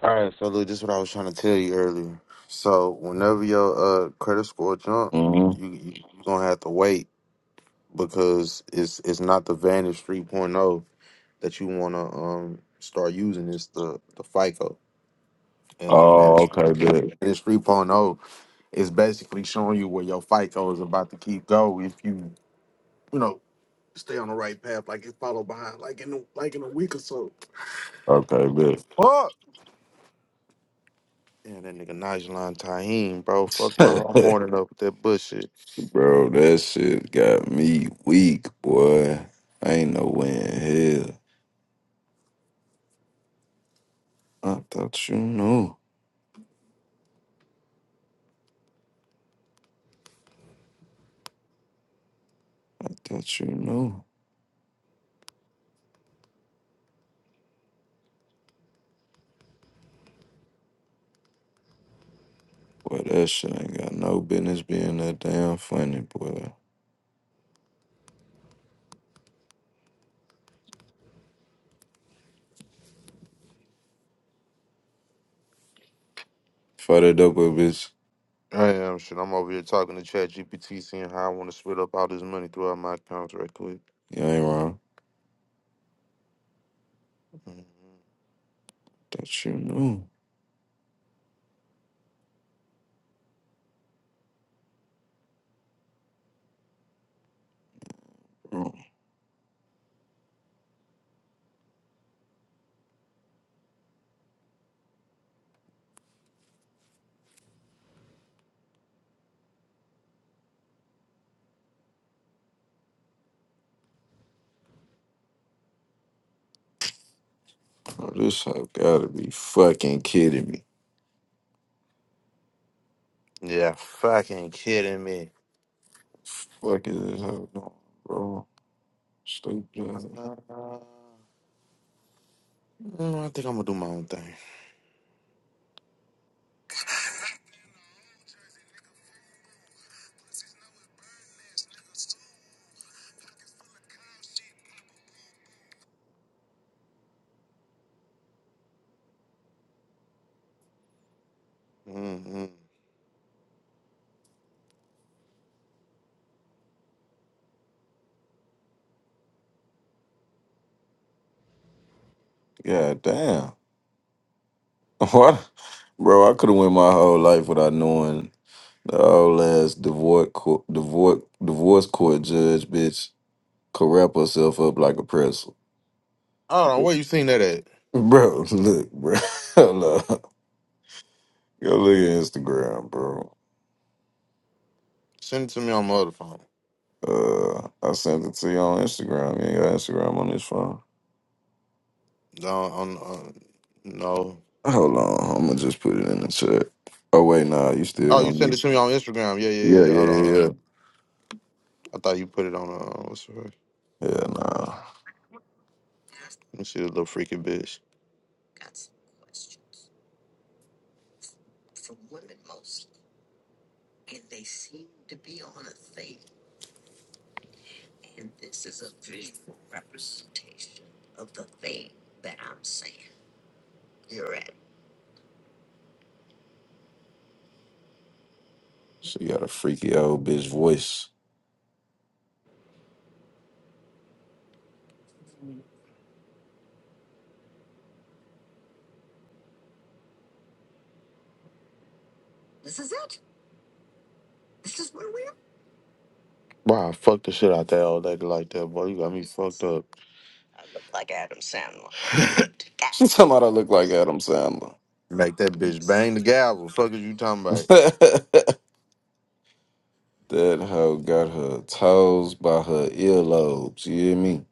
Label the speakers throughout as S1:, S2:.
S1: All right, so Lou, this is what I was trying to tell you earlier. So whenever your uh credit score jump,
S2: hmm
S1: you you you gonna have to wait because it's it's not the Vantage 3.0 that you wanna um start using. It's the the FICO and the
S2: Oh,
S1: Vantage
S2: okay, bet.
S1: Vantage 3.0 is basically showing you where your FICO is about to keep go if you you know stay on the right path, like it follow behind, like in a, like in a week or so.
S2: Okay, bet.
S1: Fuck. Damn, that nigga Nigel Tahim, bro. Fuck my whole morning up with that bullshit.
S2: Bro, that shit got me weak, boy. I ain't no way in hell. I thought you knew. I thought you knew. Boy, that shit ain't got no business being that damn funny, boy. Fight it up with bitch.
S1: I am shit. I'm over here talking to Chat GPT, seeing how I want to split up all this money throughout my accounts right quick.
S2: You ain't wrong.
S1: Mhm.
S2: Thought you knew. Bro, bro, this hoe gotta be fucking kidding me.
S1: Yeah, fucking kidding me.
S2: Fuck is this hoe doing, bro? Stupid.
S1: Uh, mm, I think I'm gonna do my own thing. Mm-hmm.
S2: God damn. What, bro? I could have went my whole life without knowing the old ass divorce court, divorce divorce court judge, bitch, could wrap herself up like a pretzel,
S1: Hold on, where you seen that at?
S2: bro. Look, bro. Hold up. Go look at Instagram, bro.
S1: Send it to me on my other phone.
S2: Uh, I sent it to you on Instagram. You ain't got Instagram on this phone.
S1: No, on, uh, no.
S2: Hold on, I'm gonna just put it in the chat. Oh wait, nah, you still
S1: Oh, you
S2: gonna
S1: sent it
S2: need
S1: to
S2: it.
S1: me on Instagram. Yeah, yeah,
S2: Yeah,
S1: yeah.
S2: yeah,
S1: Hold on,
S2: yeah,
S1: hold on.
S2: yeah.
S1: I thought you put it on. Uh, what's her?
S2: Yeah, nah.
S1: She's a little freaky bitch.
S2: She got a freaky old bitch voice.
S1: Bro, I fucked the shit out that old lady like that, boy. You got me fucked up.
S2: She talking about I look like Adam Sandler.
S1: Make that bitch bang the gavel. Fuck is you talking about?
S2: that hoe got her toes by her earlobes. You hear me?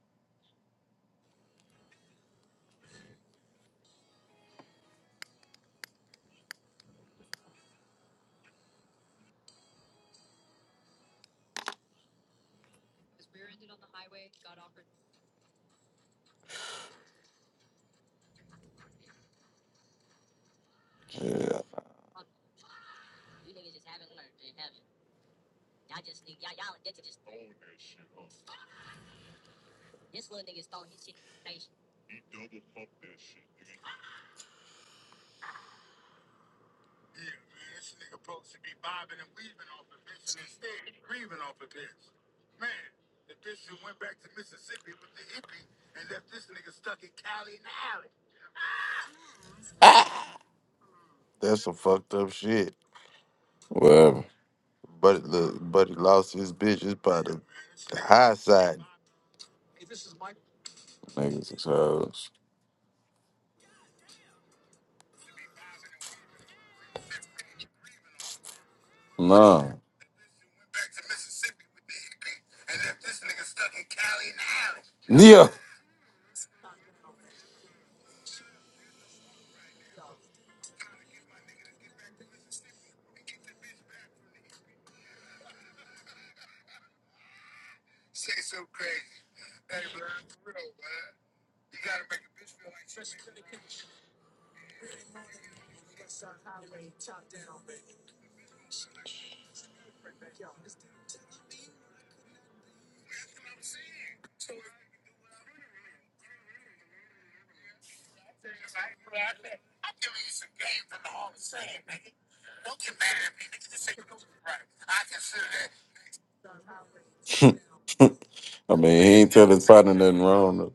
S2: Yeah,
S1: That's some fucked up shit.
S2: whatever.
S1: But look, buddy lost his bitch. It's by the, the high side.
S2: Niggas is hoes. Nah. Yeah. I mean, he ain't telling partner nothing wrong. though.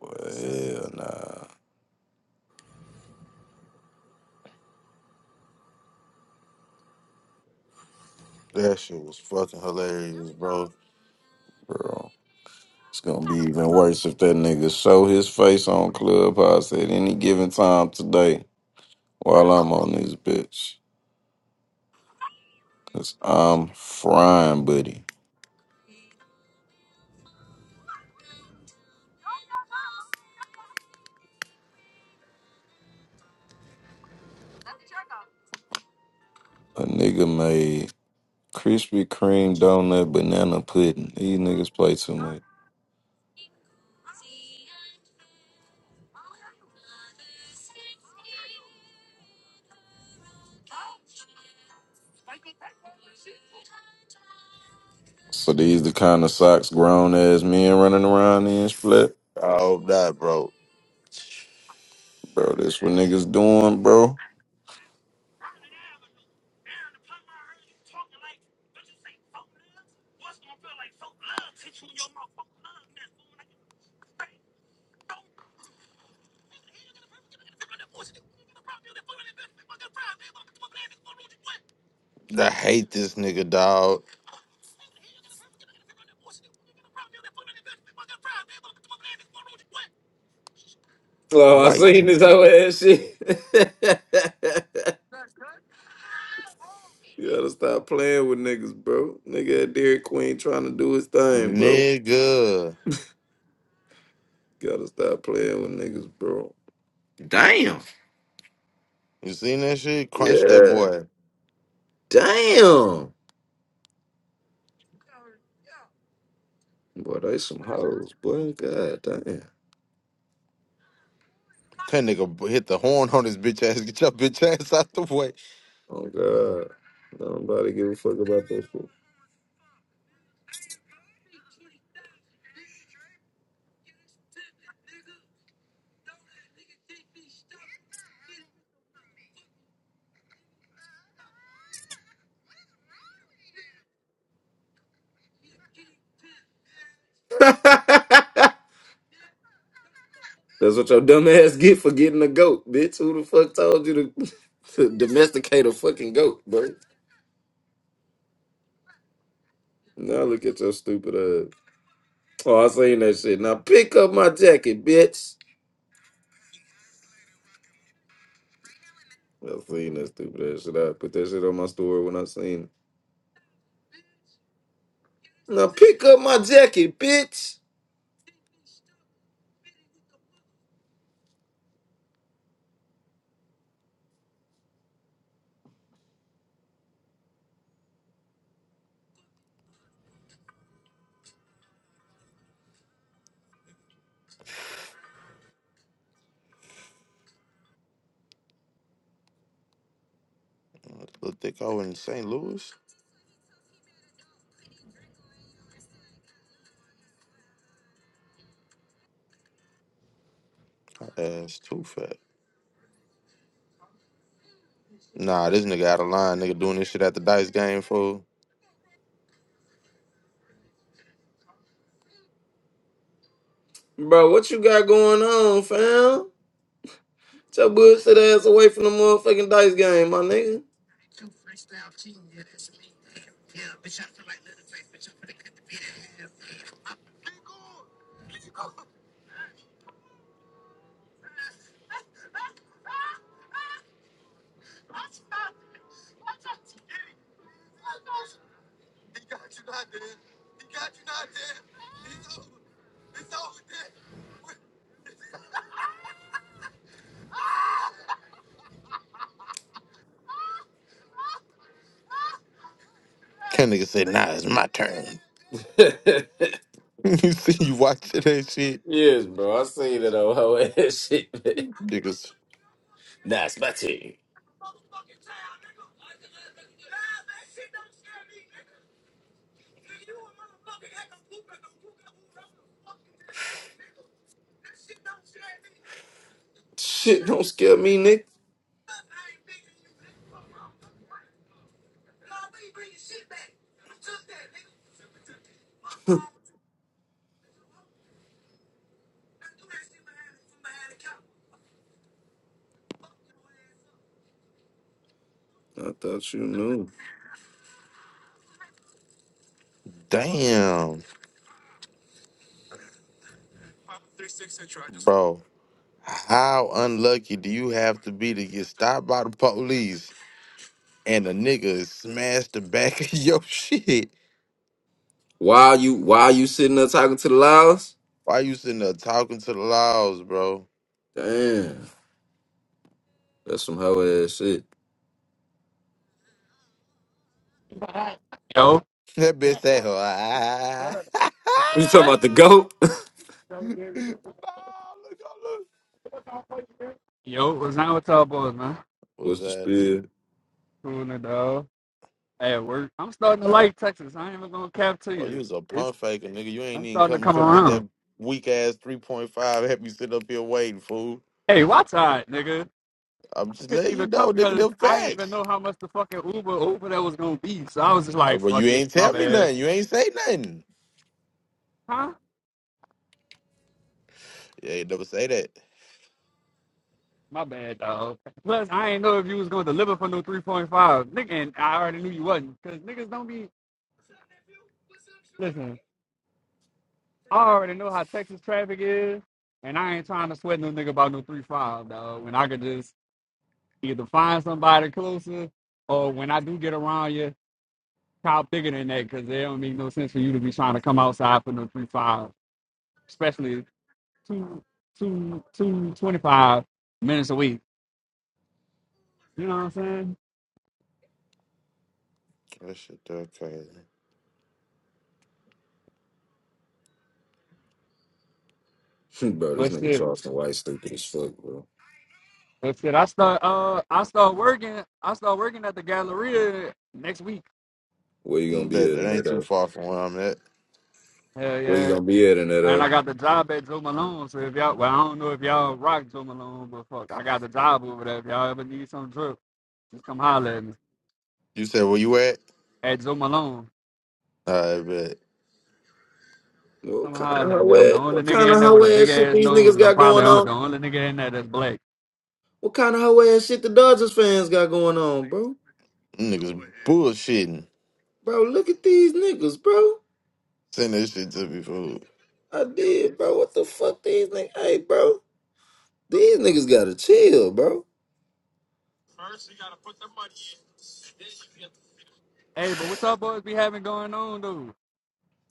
S2: But hell nah,
S1: That shit was fucking hilarious, bro.
S2: bro. It's gonna be even worse if that nigga show his face on Clubhouse at any given time today while I'm on this bitch. Cause I'm frying, buddy. A nigga made Krispy Kreme donut banana pudding. These niggas play too much. So these the kind of socks grown ass men running around in split.
S1: I hope not, bro.
S2: Bro, this what niggas doing, bro.
S1: I hate this nigga, dog.
S2: Oh, I
S1: Right,
S2: seen this whole ass shit. you gotta stop playing with niggas, bro. Nigga at Dairy Queen trying to do his thing, bro.
S1: nigga.
S2: Gotta stop playing with niggas, bro. Damn.
S1: You seen that shit? Crunch that
S2: Yeah.
S1: boy.
S2: Damn. Boy, they some hoes, boy. God damn.
S1: That nigga b- hit the horn on his bitch ass. Get your bitch ass out the way.
S2: Oh God, nobody give a fuck about that shit. That's what your dumb ass get for getting a goat, bitch. Who the fuck told you to, to domesticate a fucking goat, bro? Now look at your stupid ass. Oh, I seen that shit. Now pick up my jacket, bitch. I seen that stupid ass shit. I put that shit on my story when I seen it. Now pick up my jacket, bitch.
S1: Little dick over in St. Louis. That's too fat. Nah, this nigga out of line. Nigga doing this shit at the dice game fool.
S2: Bro, what you got going on, fam? Get your bullshit ass away from the motherfucking dice game, my
S1: Can nigga say, nah, it's my turn.
S2: nigga.
S1: you see, you watching that shit,
S2: Yes, bro. I seen that old hoe ass shit. man.
S1: niggas.
S2: Nah, it's my team. Shit, don't scare me, Nick. I thought you knew.
S1: Damn, bro. How unlucky do you have to be to get stopped by the police and a nigga smash the back of your shit?
S2: Why you why you sitting there talking to the loudest?
S1: Why you sitting there talking to the laws, bro?
S2: Damn. That's some hoe ass shit.
S3: Yo,
S1: That bitch said, "Ah."
S2: You talking
S3: what?
S2: about the GOAT?
S1: no, look.
S3: Yo, what's up with y'all boys, man?
S1: was
S2: What's the
S1: that?
S2: spiel?
S1: dude?
S3: Cooling it dog. At work, I'm starting to like Texas. I ain't even gonna cap to
S1: Oh, you
S3: you.
S1: was a
S3: It's
S1: pump faker, nigga. You ain't
S3: I'm
S1: even
S3: starting to
S1: come
S3: come
S1: come get
S3: around.
S1: that weak ass three point five. Have you sit up here waiting, fool?
S3: Hey, watch out, nigga.
S1: I'm
S3: I
S1: just
S3: couldn't
S1: letting you
S3: even come
S1: know, nigga.
S3: because
S1: Them
S3: I didn't even
S1: facts.
S3: know how much the fucking Uber Uber that was gonna be. So I was just
S1: Uh,
S3: like,
S1: But you
S3: fuck it,
S1: ain't
S3: my
S1: tell me
S3: bad.
S1: nothing. You ain't say nothing.
S3: Huh?
S1: Yeah, you never say that.
S3: My bad, dog. Plus, I ain't know if you was gonna deliver for no 3.5, nigga. And I already knew you wasn't, cause niggas don't be listen. I already know how Texas traffic is, and I ain't trying to sweat no nigga about no three five dog. When I could just either find somebody closer, or when I do get around you, cop bigger than that, because it don't make no sense for you to be trying to come outside for no three five, especially two, two, two, twenty five minutes a week. You know what I'm saying?
S1: That shit that crazy.
S2: bro, this
S3: But
S2: nigga
S3: shit,
S2: Charleston White stupid as fuck, bro.
S3: but shit, I start, uh, I start working, I start working at the Galleria next week.
S2: Where you gonna
S1: Mm, bet
S2: be at
S1: that
S2: in that
S1: ain't too
S2: uh?
S1: far from where I'm at.
S3: Hell
S2: Where you
S3: yeah,
S2: gonna be at in that
S3: And
S2: uh?
S3: I got the job at Joe Malone, so if y'all, well, I don't know if y'all rock Joe Malone, but fuck, I got the job over there. If y'all ever need some drip, just come holler at me.
S1: You said where you at?
S3: At Joe Malone,
S1: I bet
S2: What
S3: come
S2: kind of
S3: holler at me.
S2: hoe
S3: I'm the
S2: ass
S3: only
S2: what
S3: nigga
S2: kind of
S3: in there with
S2: hoe
S3: a big
S2: ass shit
S3: ass
S2: these
S3: nose,
S2: niggas
S3: and I'm
S2: got
S3: probably
S2: going on?
S3: the only nigga in there that's black.
S2: What kind of hoe ass shit the Dodgers fans got going on, bro?
S1: Them niggas bullshitting.
S2: Bro, look at these niggas, bro.
S1: Send this shit to me, fool.
S2: I did, bro. What the fuck these niggas? Hey, bro. These niggas gotta chill, bro.
S3: Hey, but what's up, boys be having going on, dude?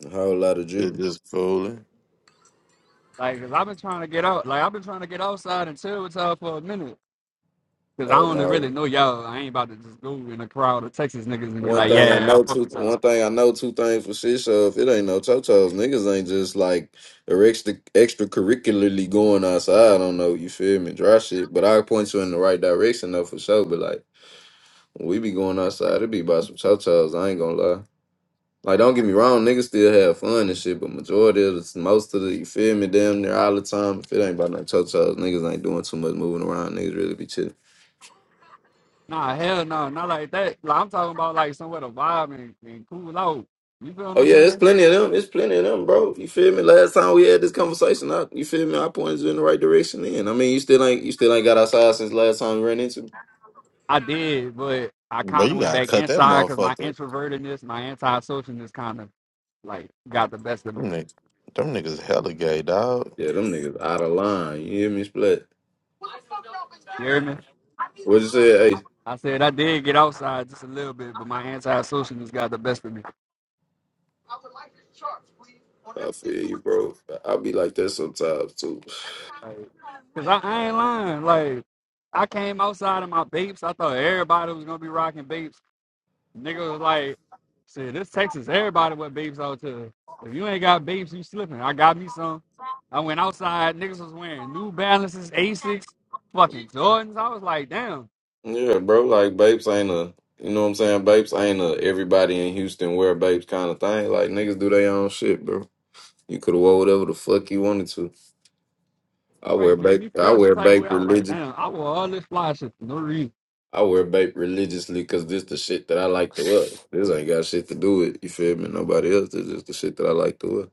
S2: A whole lot of
S1: Shit
S2: dripping.
S1: just fooling.
S3: Like, cause I've been trying to get out, like, I've been trying to get outside and chill with y'all for a minute. Cause I
S2: Oh
S3: only really
S2: no.
S3: know y'all. I ain't about to just go in a crowd of Texas niggas and be
S2: One
S3: like,
S2: thing I
S3: yeah, I
S2: know,
S3: fuck
S2: two
S3: with y'all.
S2: one thing I know, two things for shit. So if it ain't no chochos, niggas ain't just like or extra extracurricularly going outside. I don't know, you feel me? Dry shit. But I point you in the right direction though for sure. But like when we be going outside, it be about some chochos. I ain't gonna lie. Like, don't get me wrong, niggas still have fun and shit, but majority of the, most of the, you feel me, damn near all the time, if it ain't about no cho chos, niggas ain't doing too much moving around, niggas really be chilling.
S3: Nah, hell no, not like that. Like, I'm talking about like somewhere to vibe and, and cool out. You feel what
S2: Oh,
S3: I'm
S2: yeah, it's
S3: saying?
S2: plenty of them. It's plenty of them, bro. You feel me? Last time we had this conversation, I, you feel me? I pointed you in the right direction then. I mean, you still ain't, you still ain't got outside since last time we ran into me.
S3: I did, but I
S1: But
S3: kind of
S1: you
S3: went
S1: gotta
S3: back
S1: cut that
S3: inside because my
S1: motherfucker.
S3: introvertedness, my antisocialness, kind of like got the best of me.
S1: Them niggas, them niggas hella gay, dog.
S2: Yeah, them niggas out of line. You hear me? Split.
S3: You hear me?
S2: What you say? Hey,
S3: I said I did get outside just a little bit, but my antisocialness got the best of me.
S2: I feel you, bro. I I be like that sometimes, too.
S3: Like, cause I, I ain't lying. Like, I came outside in my Bapes. I thought everybody was gonna be rocking Bapes. Nigga was like, shit, this Texas, everybody with beeps out to. If you ain't got beeps, you slipping. I got me some. I went outside, niggas was wearing New Balances, Asics, fucking Jordans. I was like, damn,
S2: Yeah, bro. Like Bapes ain't a you know what I'm saying. Bapes ain't a everybody in Houston wear Bapes kind of thing. Like niggas do their own shit, bro. You could have wore whatever the fuck you wanted to. I wear
S3: right, made
S2: Bape.
S3: me
S2: I
S3: feel some
S2: wear
S3: type of
S2: Bape
S3: way. I was like,
S2: religion.
S3: damn, I wore all this fly shit for no reason.
S2: I wear Bape religiously because this the shit that I like to wear. This ain't got shit to do with you feel me. Nobody else. This is the shit that I like to wear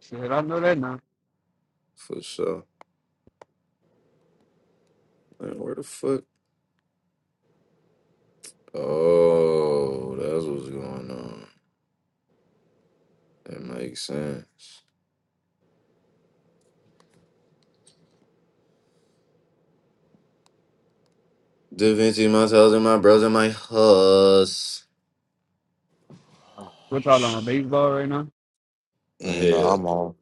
S3: Shit, I know that now.
S2: for sure. Man, where the fuck? Oh, that's what's going on. That makes sense. Da Vinci, my toes and my bros and my hus.
S3: What y'all on baseball right now?
S1: Mm, No, I'm on.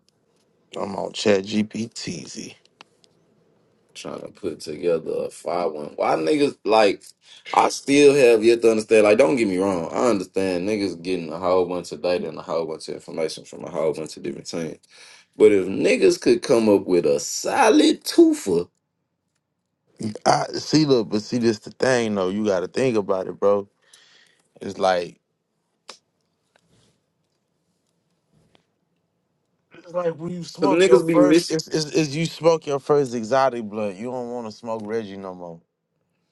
S1: I'm on Chat GPTZ.
S2: trying to put together a five one. Why niggas like? I still have yet to understand. Like, don't get me wrong. I understand niggas getting a whole bunch of data and a whole bunch of information from a whole bunch of different things. But if niggas could come up with a solid twofer,
S1: I see. Look, but see, this the thing though. You got to think about it, bro. It's like it's like when you
S2: cause
S1: smoke your
S2: niggas be
S1: first.
S2: missing.
S1: It's, it's, it's you smoke your first exotic blunt. You don't want to smoke Reggie no more.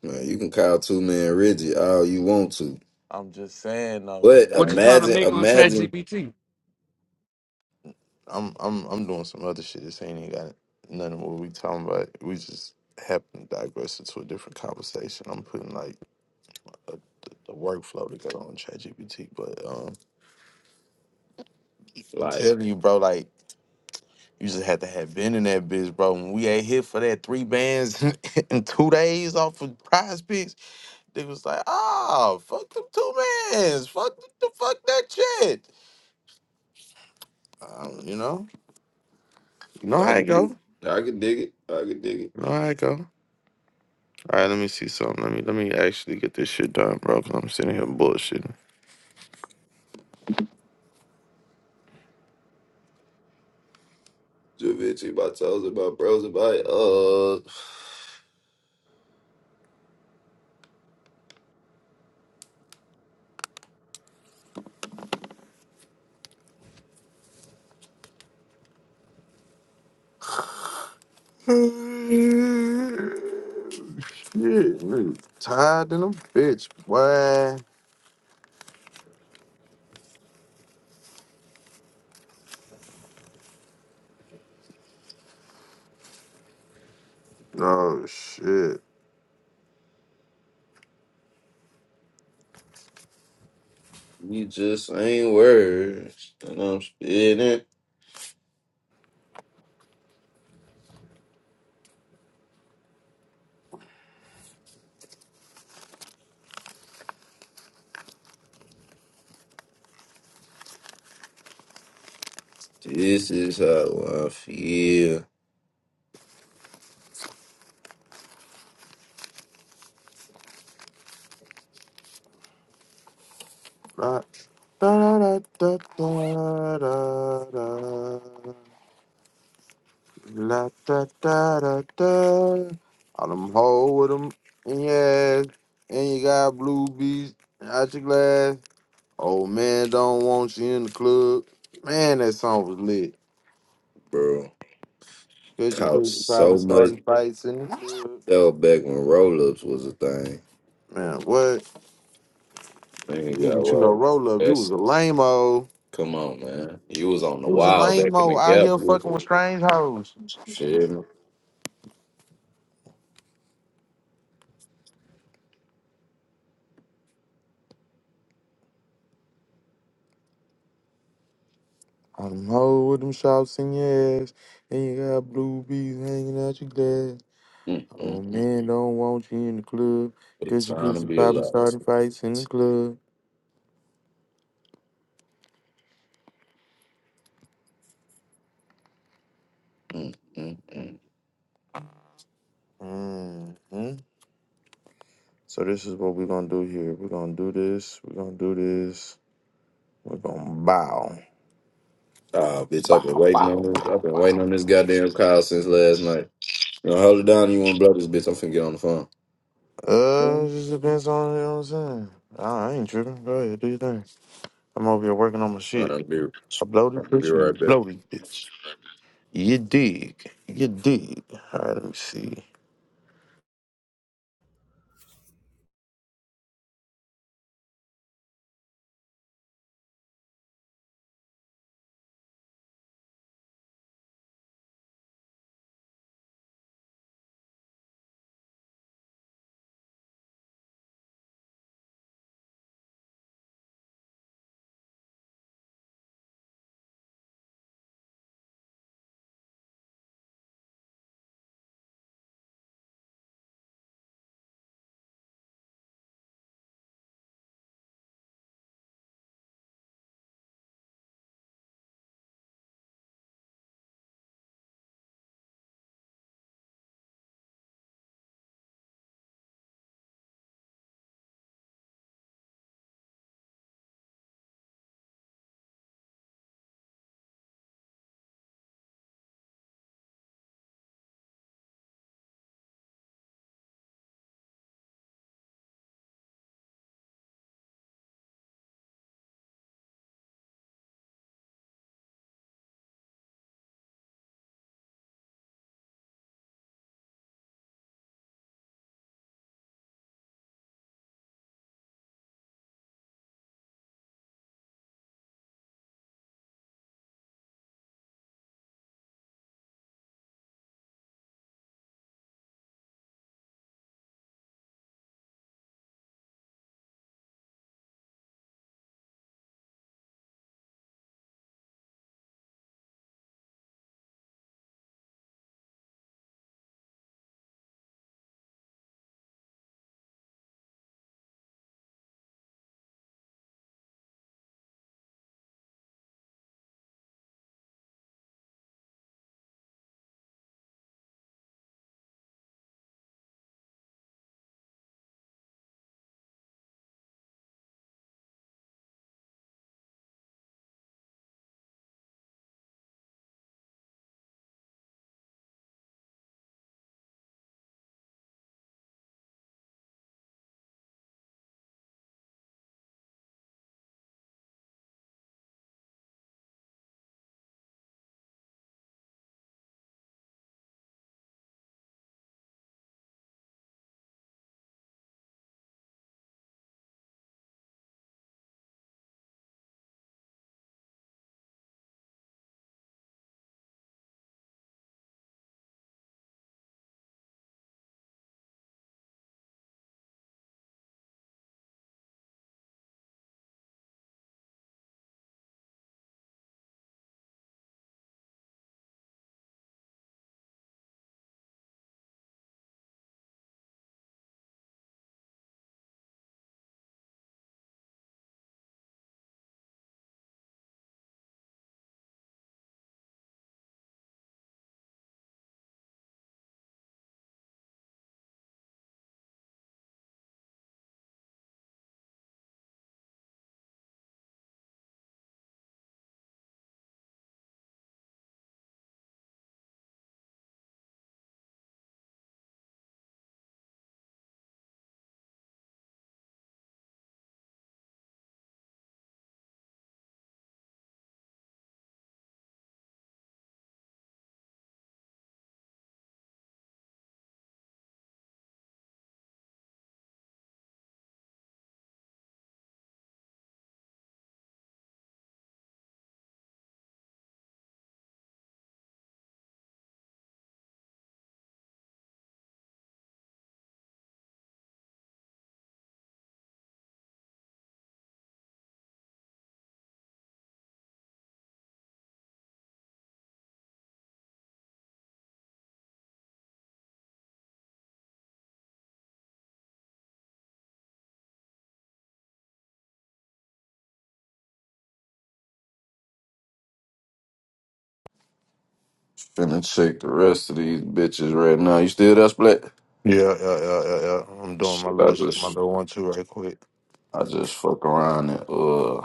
S2: Man, you can call two man Reggie all you want to,
S1: I'm just saying though. It's
S2: but
S3: What you
S1: like
S3: trying to
S2: imagine,
S3: make on Chat
S2: imagine
S3: GPT?
S1: I'm I'm I'm doing some other shit. This ain't even got nothing what we talking about. We just happen to digress into a different conversation. I'm putting like a, the, the workflow together on Chat GPT, but um, I'm
S2: like
S1: telling you, bro. Like You just had to have been in that bitch, bro. When we ain't hit for that three bands in two days off of prize picks, they was like, oh, fuck them two bands. Fuck the, the fuck that shit. Um, you know? You know
S2: I
S1: how it
S2: can
S1: go.
S2: dig, it. I can dig it, I can dig it.
S1: You know how it go. All right, let me see something. Let me let me actually get this shit done, bro, because I'm sitting here bullshitting.
S2: Javinci, my toes, and my bros, and my uh.
S1: shit, nigga. Tired than a bitch, boy. Oh, shit.
S2: We just ain't words, and I'm spitting. This is how I feel,
S1: La da da da da da da. La da da da da. All them hole with them in your ass, and you got blue bees out your glass. Old man don't want you in the club. Man, that song was lit.
S2: bro.
S1: Cause you
S2: Caught
S1: pussy poppin',
S2: so much
S1: starting fights in the club.
S2: though back when roll ups was a thing.
S1: Man, what? You
S2: Nigga
S1: didn't
S2: got
S1: get you no
S2: rolled.
S1: roll up. You was
S2: That's
S1: a lame-o.
S2: come on, man. You was on the
S1: You was a
S2: wild back in the
S1: lame-o out
S2: gap.
S1: here fucking
S2: You
S1: with strange hoes.
S2: was, feel
S1: I don't know with them shots in your ass, and you got blue bees hanging out your glass.
S2: me?
S1: Oh
S2: Mm-mm.
S1: men don't want you in the club,
S2: What
S1: cause your
S2: time to
S1: pussy
S2: be
S1: poppin'
S2: alive.
S1: starting fights in the club.
S2: Mm, mm, mm.
S1: hmm So this is what we're gonna do here. We're gonna do this. We're gonna do this. We're gonna bow,
S2: Ah, bitch, I've been
S1: bow,
S2: waiting
S1: bow,
S2: on this. I've
S1: bow,
S2: been waiting
S1: bow.
S2: on this goddamn call since last night. You know, hold it down. You want to blow this bitch? I'm finna get on the
S1: Uh, it
S2: phone.
S1: just depends on you know what I'm saying. I I ain't tripping. Go ahead, do your thing. I'm over here working on my shit.
S2: I'll be,
S1: I bloated,
S2: I'll be
S1: bitch. You
S2: right back.
S1: bloated, bitch. You dig. You dig. All right, let me see.
S2: Finna check the rest of these bitches right now. You still there, Split?
S1: Yeah, yeah, yeah, yeah, yeah. I'm doing my
S2: Shit, I
S1: little my
S2: just
S1: little one two right quick.
S2: I just fuck around and uh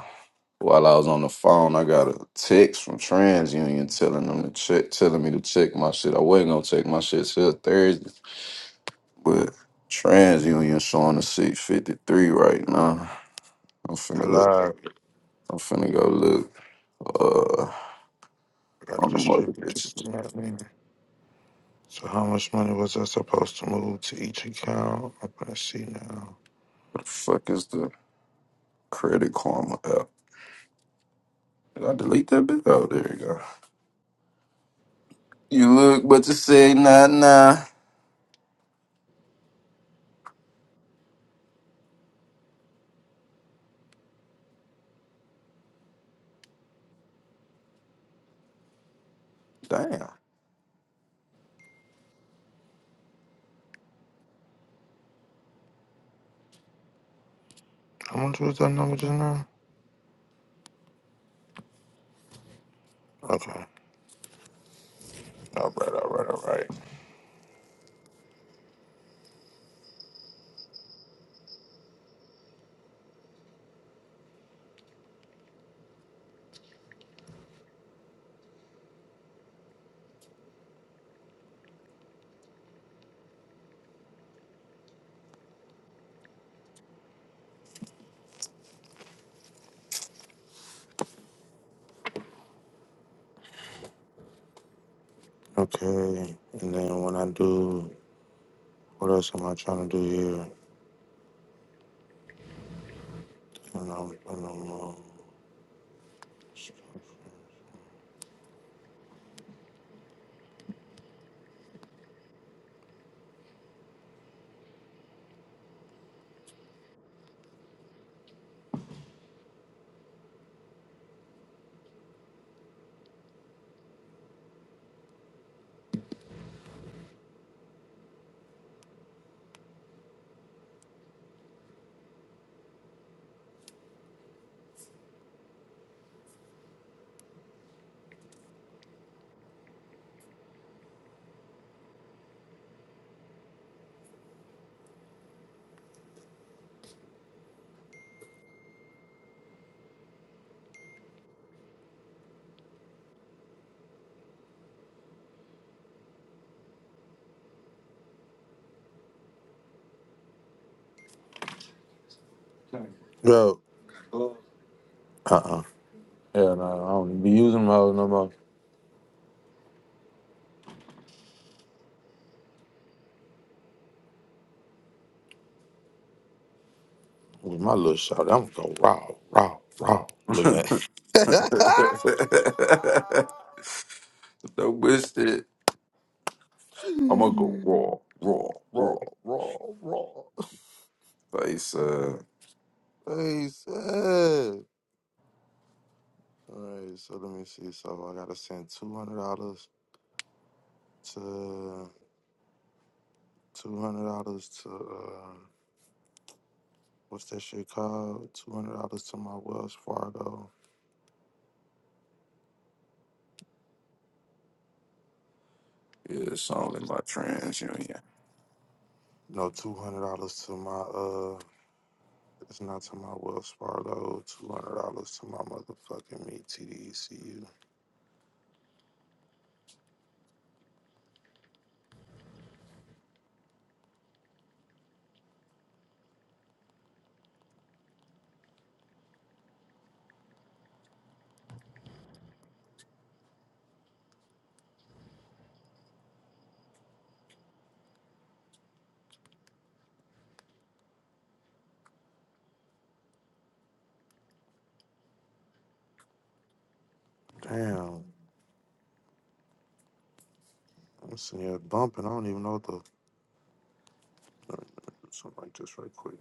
S2: while I was on the phone, I got a text from TransUnion telling them to check, telling me to check my shit. I wasn't gonna check my shit till Thursday, but TransUnion showing a six fifty three right now. I'm finna look.
S1: Live.
S2: I'm finna go look uh
S1: I
S2: on the mother
S1: distribute this. you
S2: bitches.
S1: know what I mean? So how much money was I supposed to move to each account? I'm gonna see now.
S2: What the fuck is the Credit Karma app? Did I delete that bit? Oh, there you go. You look, but you say nah, nah. Damn.
S1: How much was that number just now? Okay. All right, all right, all right. Okay. And then when I do what else am I trying to do here? And I'm, and I'm uh, Yo. Uh uh Yeah, no, I don't be using them hoes no more. With my little shot, I'm going raw, raw, raw. Looking at
S2: Don't wish it. I'm gonna go raw, raw,
S1: raw,
S2: raw.
S1: raw, raw.
S2: Face uh,
S1: Hey, said. All right, so let me see. So I gotta send two hundred dollars to two hundred dollars to uh, what's that shit called? Two hundred dollars to my Wells Fargo.
S2: yeah, it's only my TransUnion.
S1: No, two hundred dollars to my uh. It's not to my Wells Fargo. Two hundred dollars to my motherfucking me T D E C U. Damn, I'm sitting here bumping. I don't even know what the let me- let me do something like this right quick.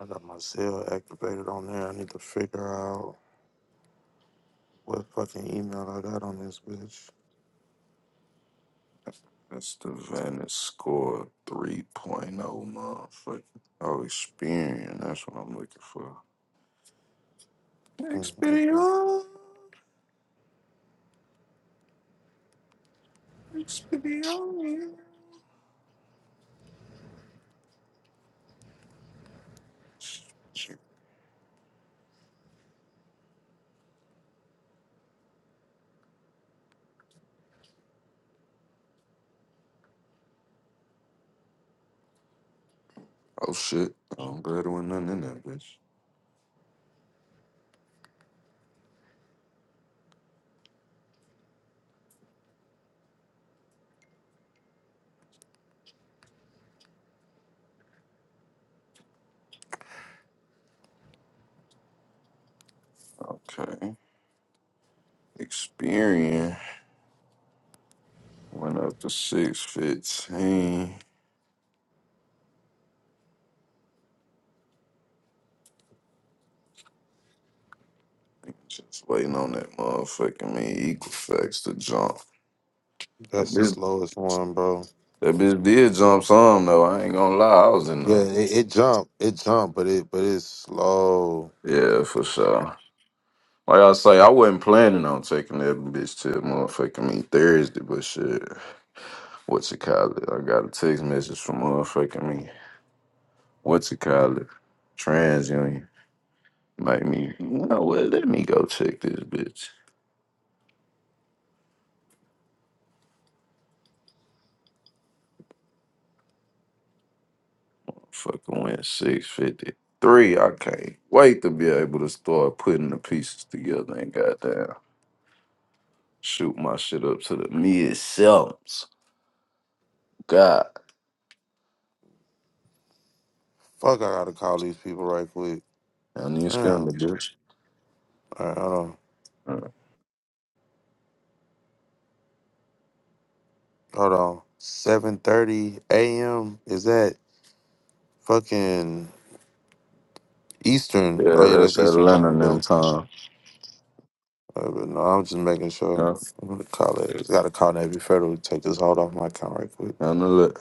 S1: I got my Zelle activated on there. I need to figure out what fucking email I got on this bitch.
S2: That's the Venice score 3.0 point oh. motherfucker. Oh, Experian. That's what I'm looking for.
S1: Mm, okay.
S2: Experian. Experian. Oh shit! I'm glad there wasn't nothing in that bitch. Okay. Experian went up to 615. Just waiting on that motherfucking me equal facts to jump. That
S1: That's the
S2: bitch,
S1: slowest one, bro.
S2: that bitch did jump some though. I ain't gonna lie, I was in
S1: Yeah,
S2: the
S1: it, it jumped. It jumped, but it but it's slow.
S2: yeah for sure. Like I say, I wasn't planning on taking that bitch to motherfucking me Thursday, but shit, what's it called? I got a text message from motherfucking me. What's it called? TransUnion. Make me, you know what? Let me go check this bitch. Fucking went 653. I can't wait to be able to start putting the pieces together and goddamn shoot my shit up to the mid sevens. God.
S1: Fuck, I gotta call these people right quick.
S2: I need
S1: Damn.
S2: scandal, bitch.
S1: All right, hold on.
S2: Uh,
S1: Hold on. 7:30 a.m. Is that fucking Eastern? Oh
S2: Yeah,
S1: yeah,
S2: that's
S1: that's Eastern
S2: Atlanta
S1: time.
S2: them
S1: But
S2: time.
S1: Uh, but no, I'm just making sure.
S2: Yeah,
S1: I'm gonna call it. Got to call Navy Federal. to Take this hold off my account right quick.
S2: and the look.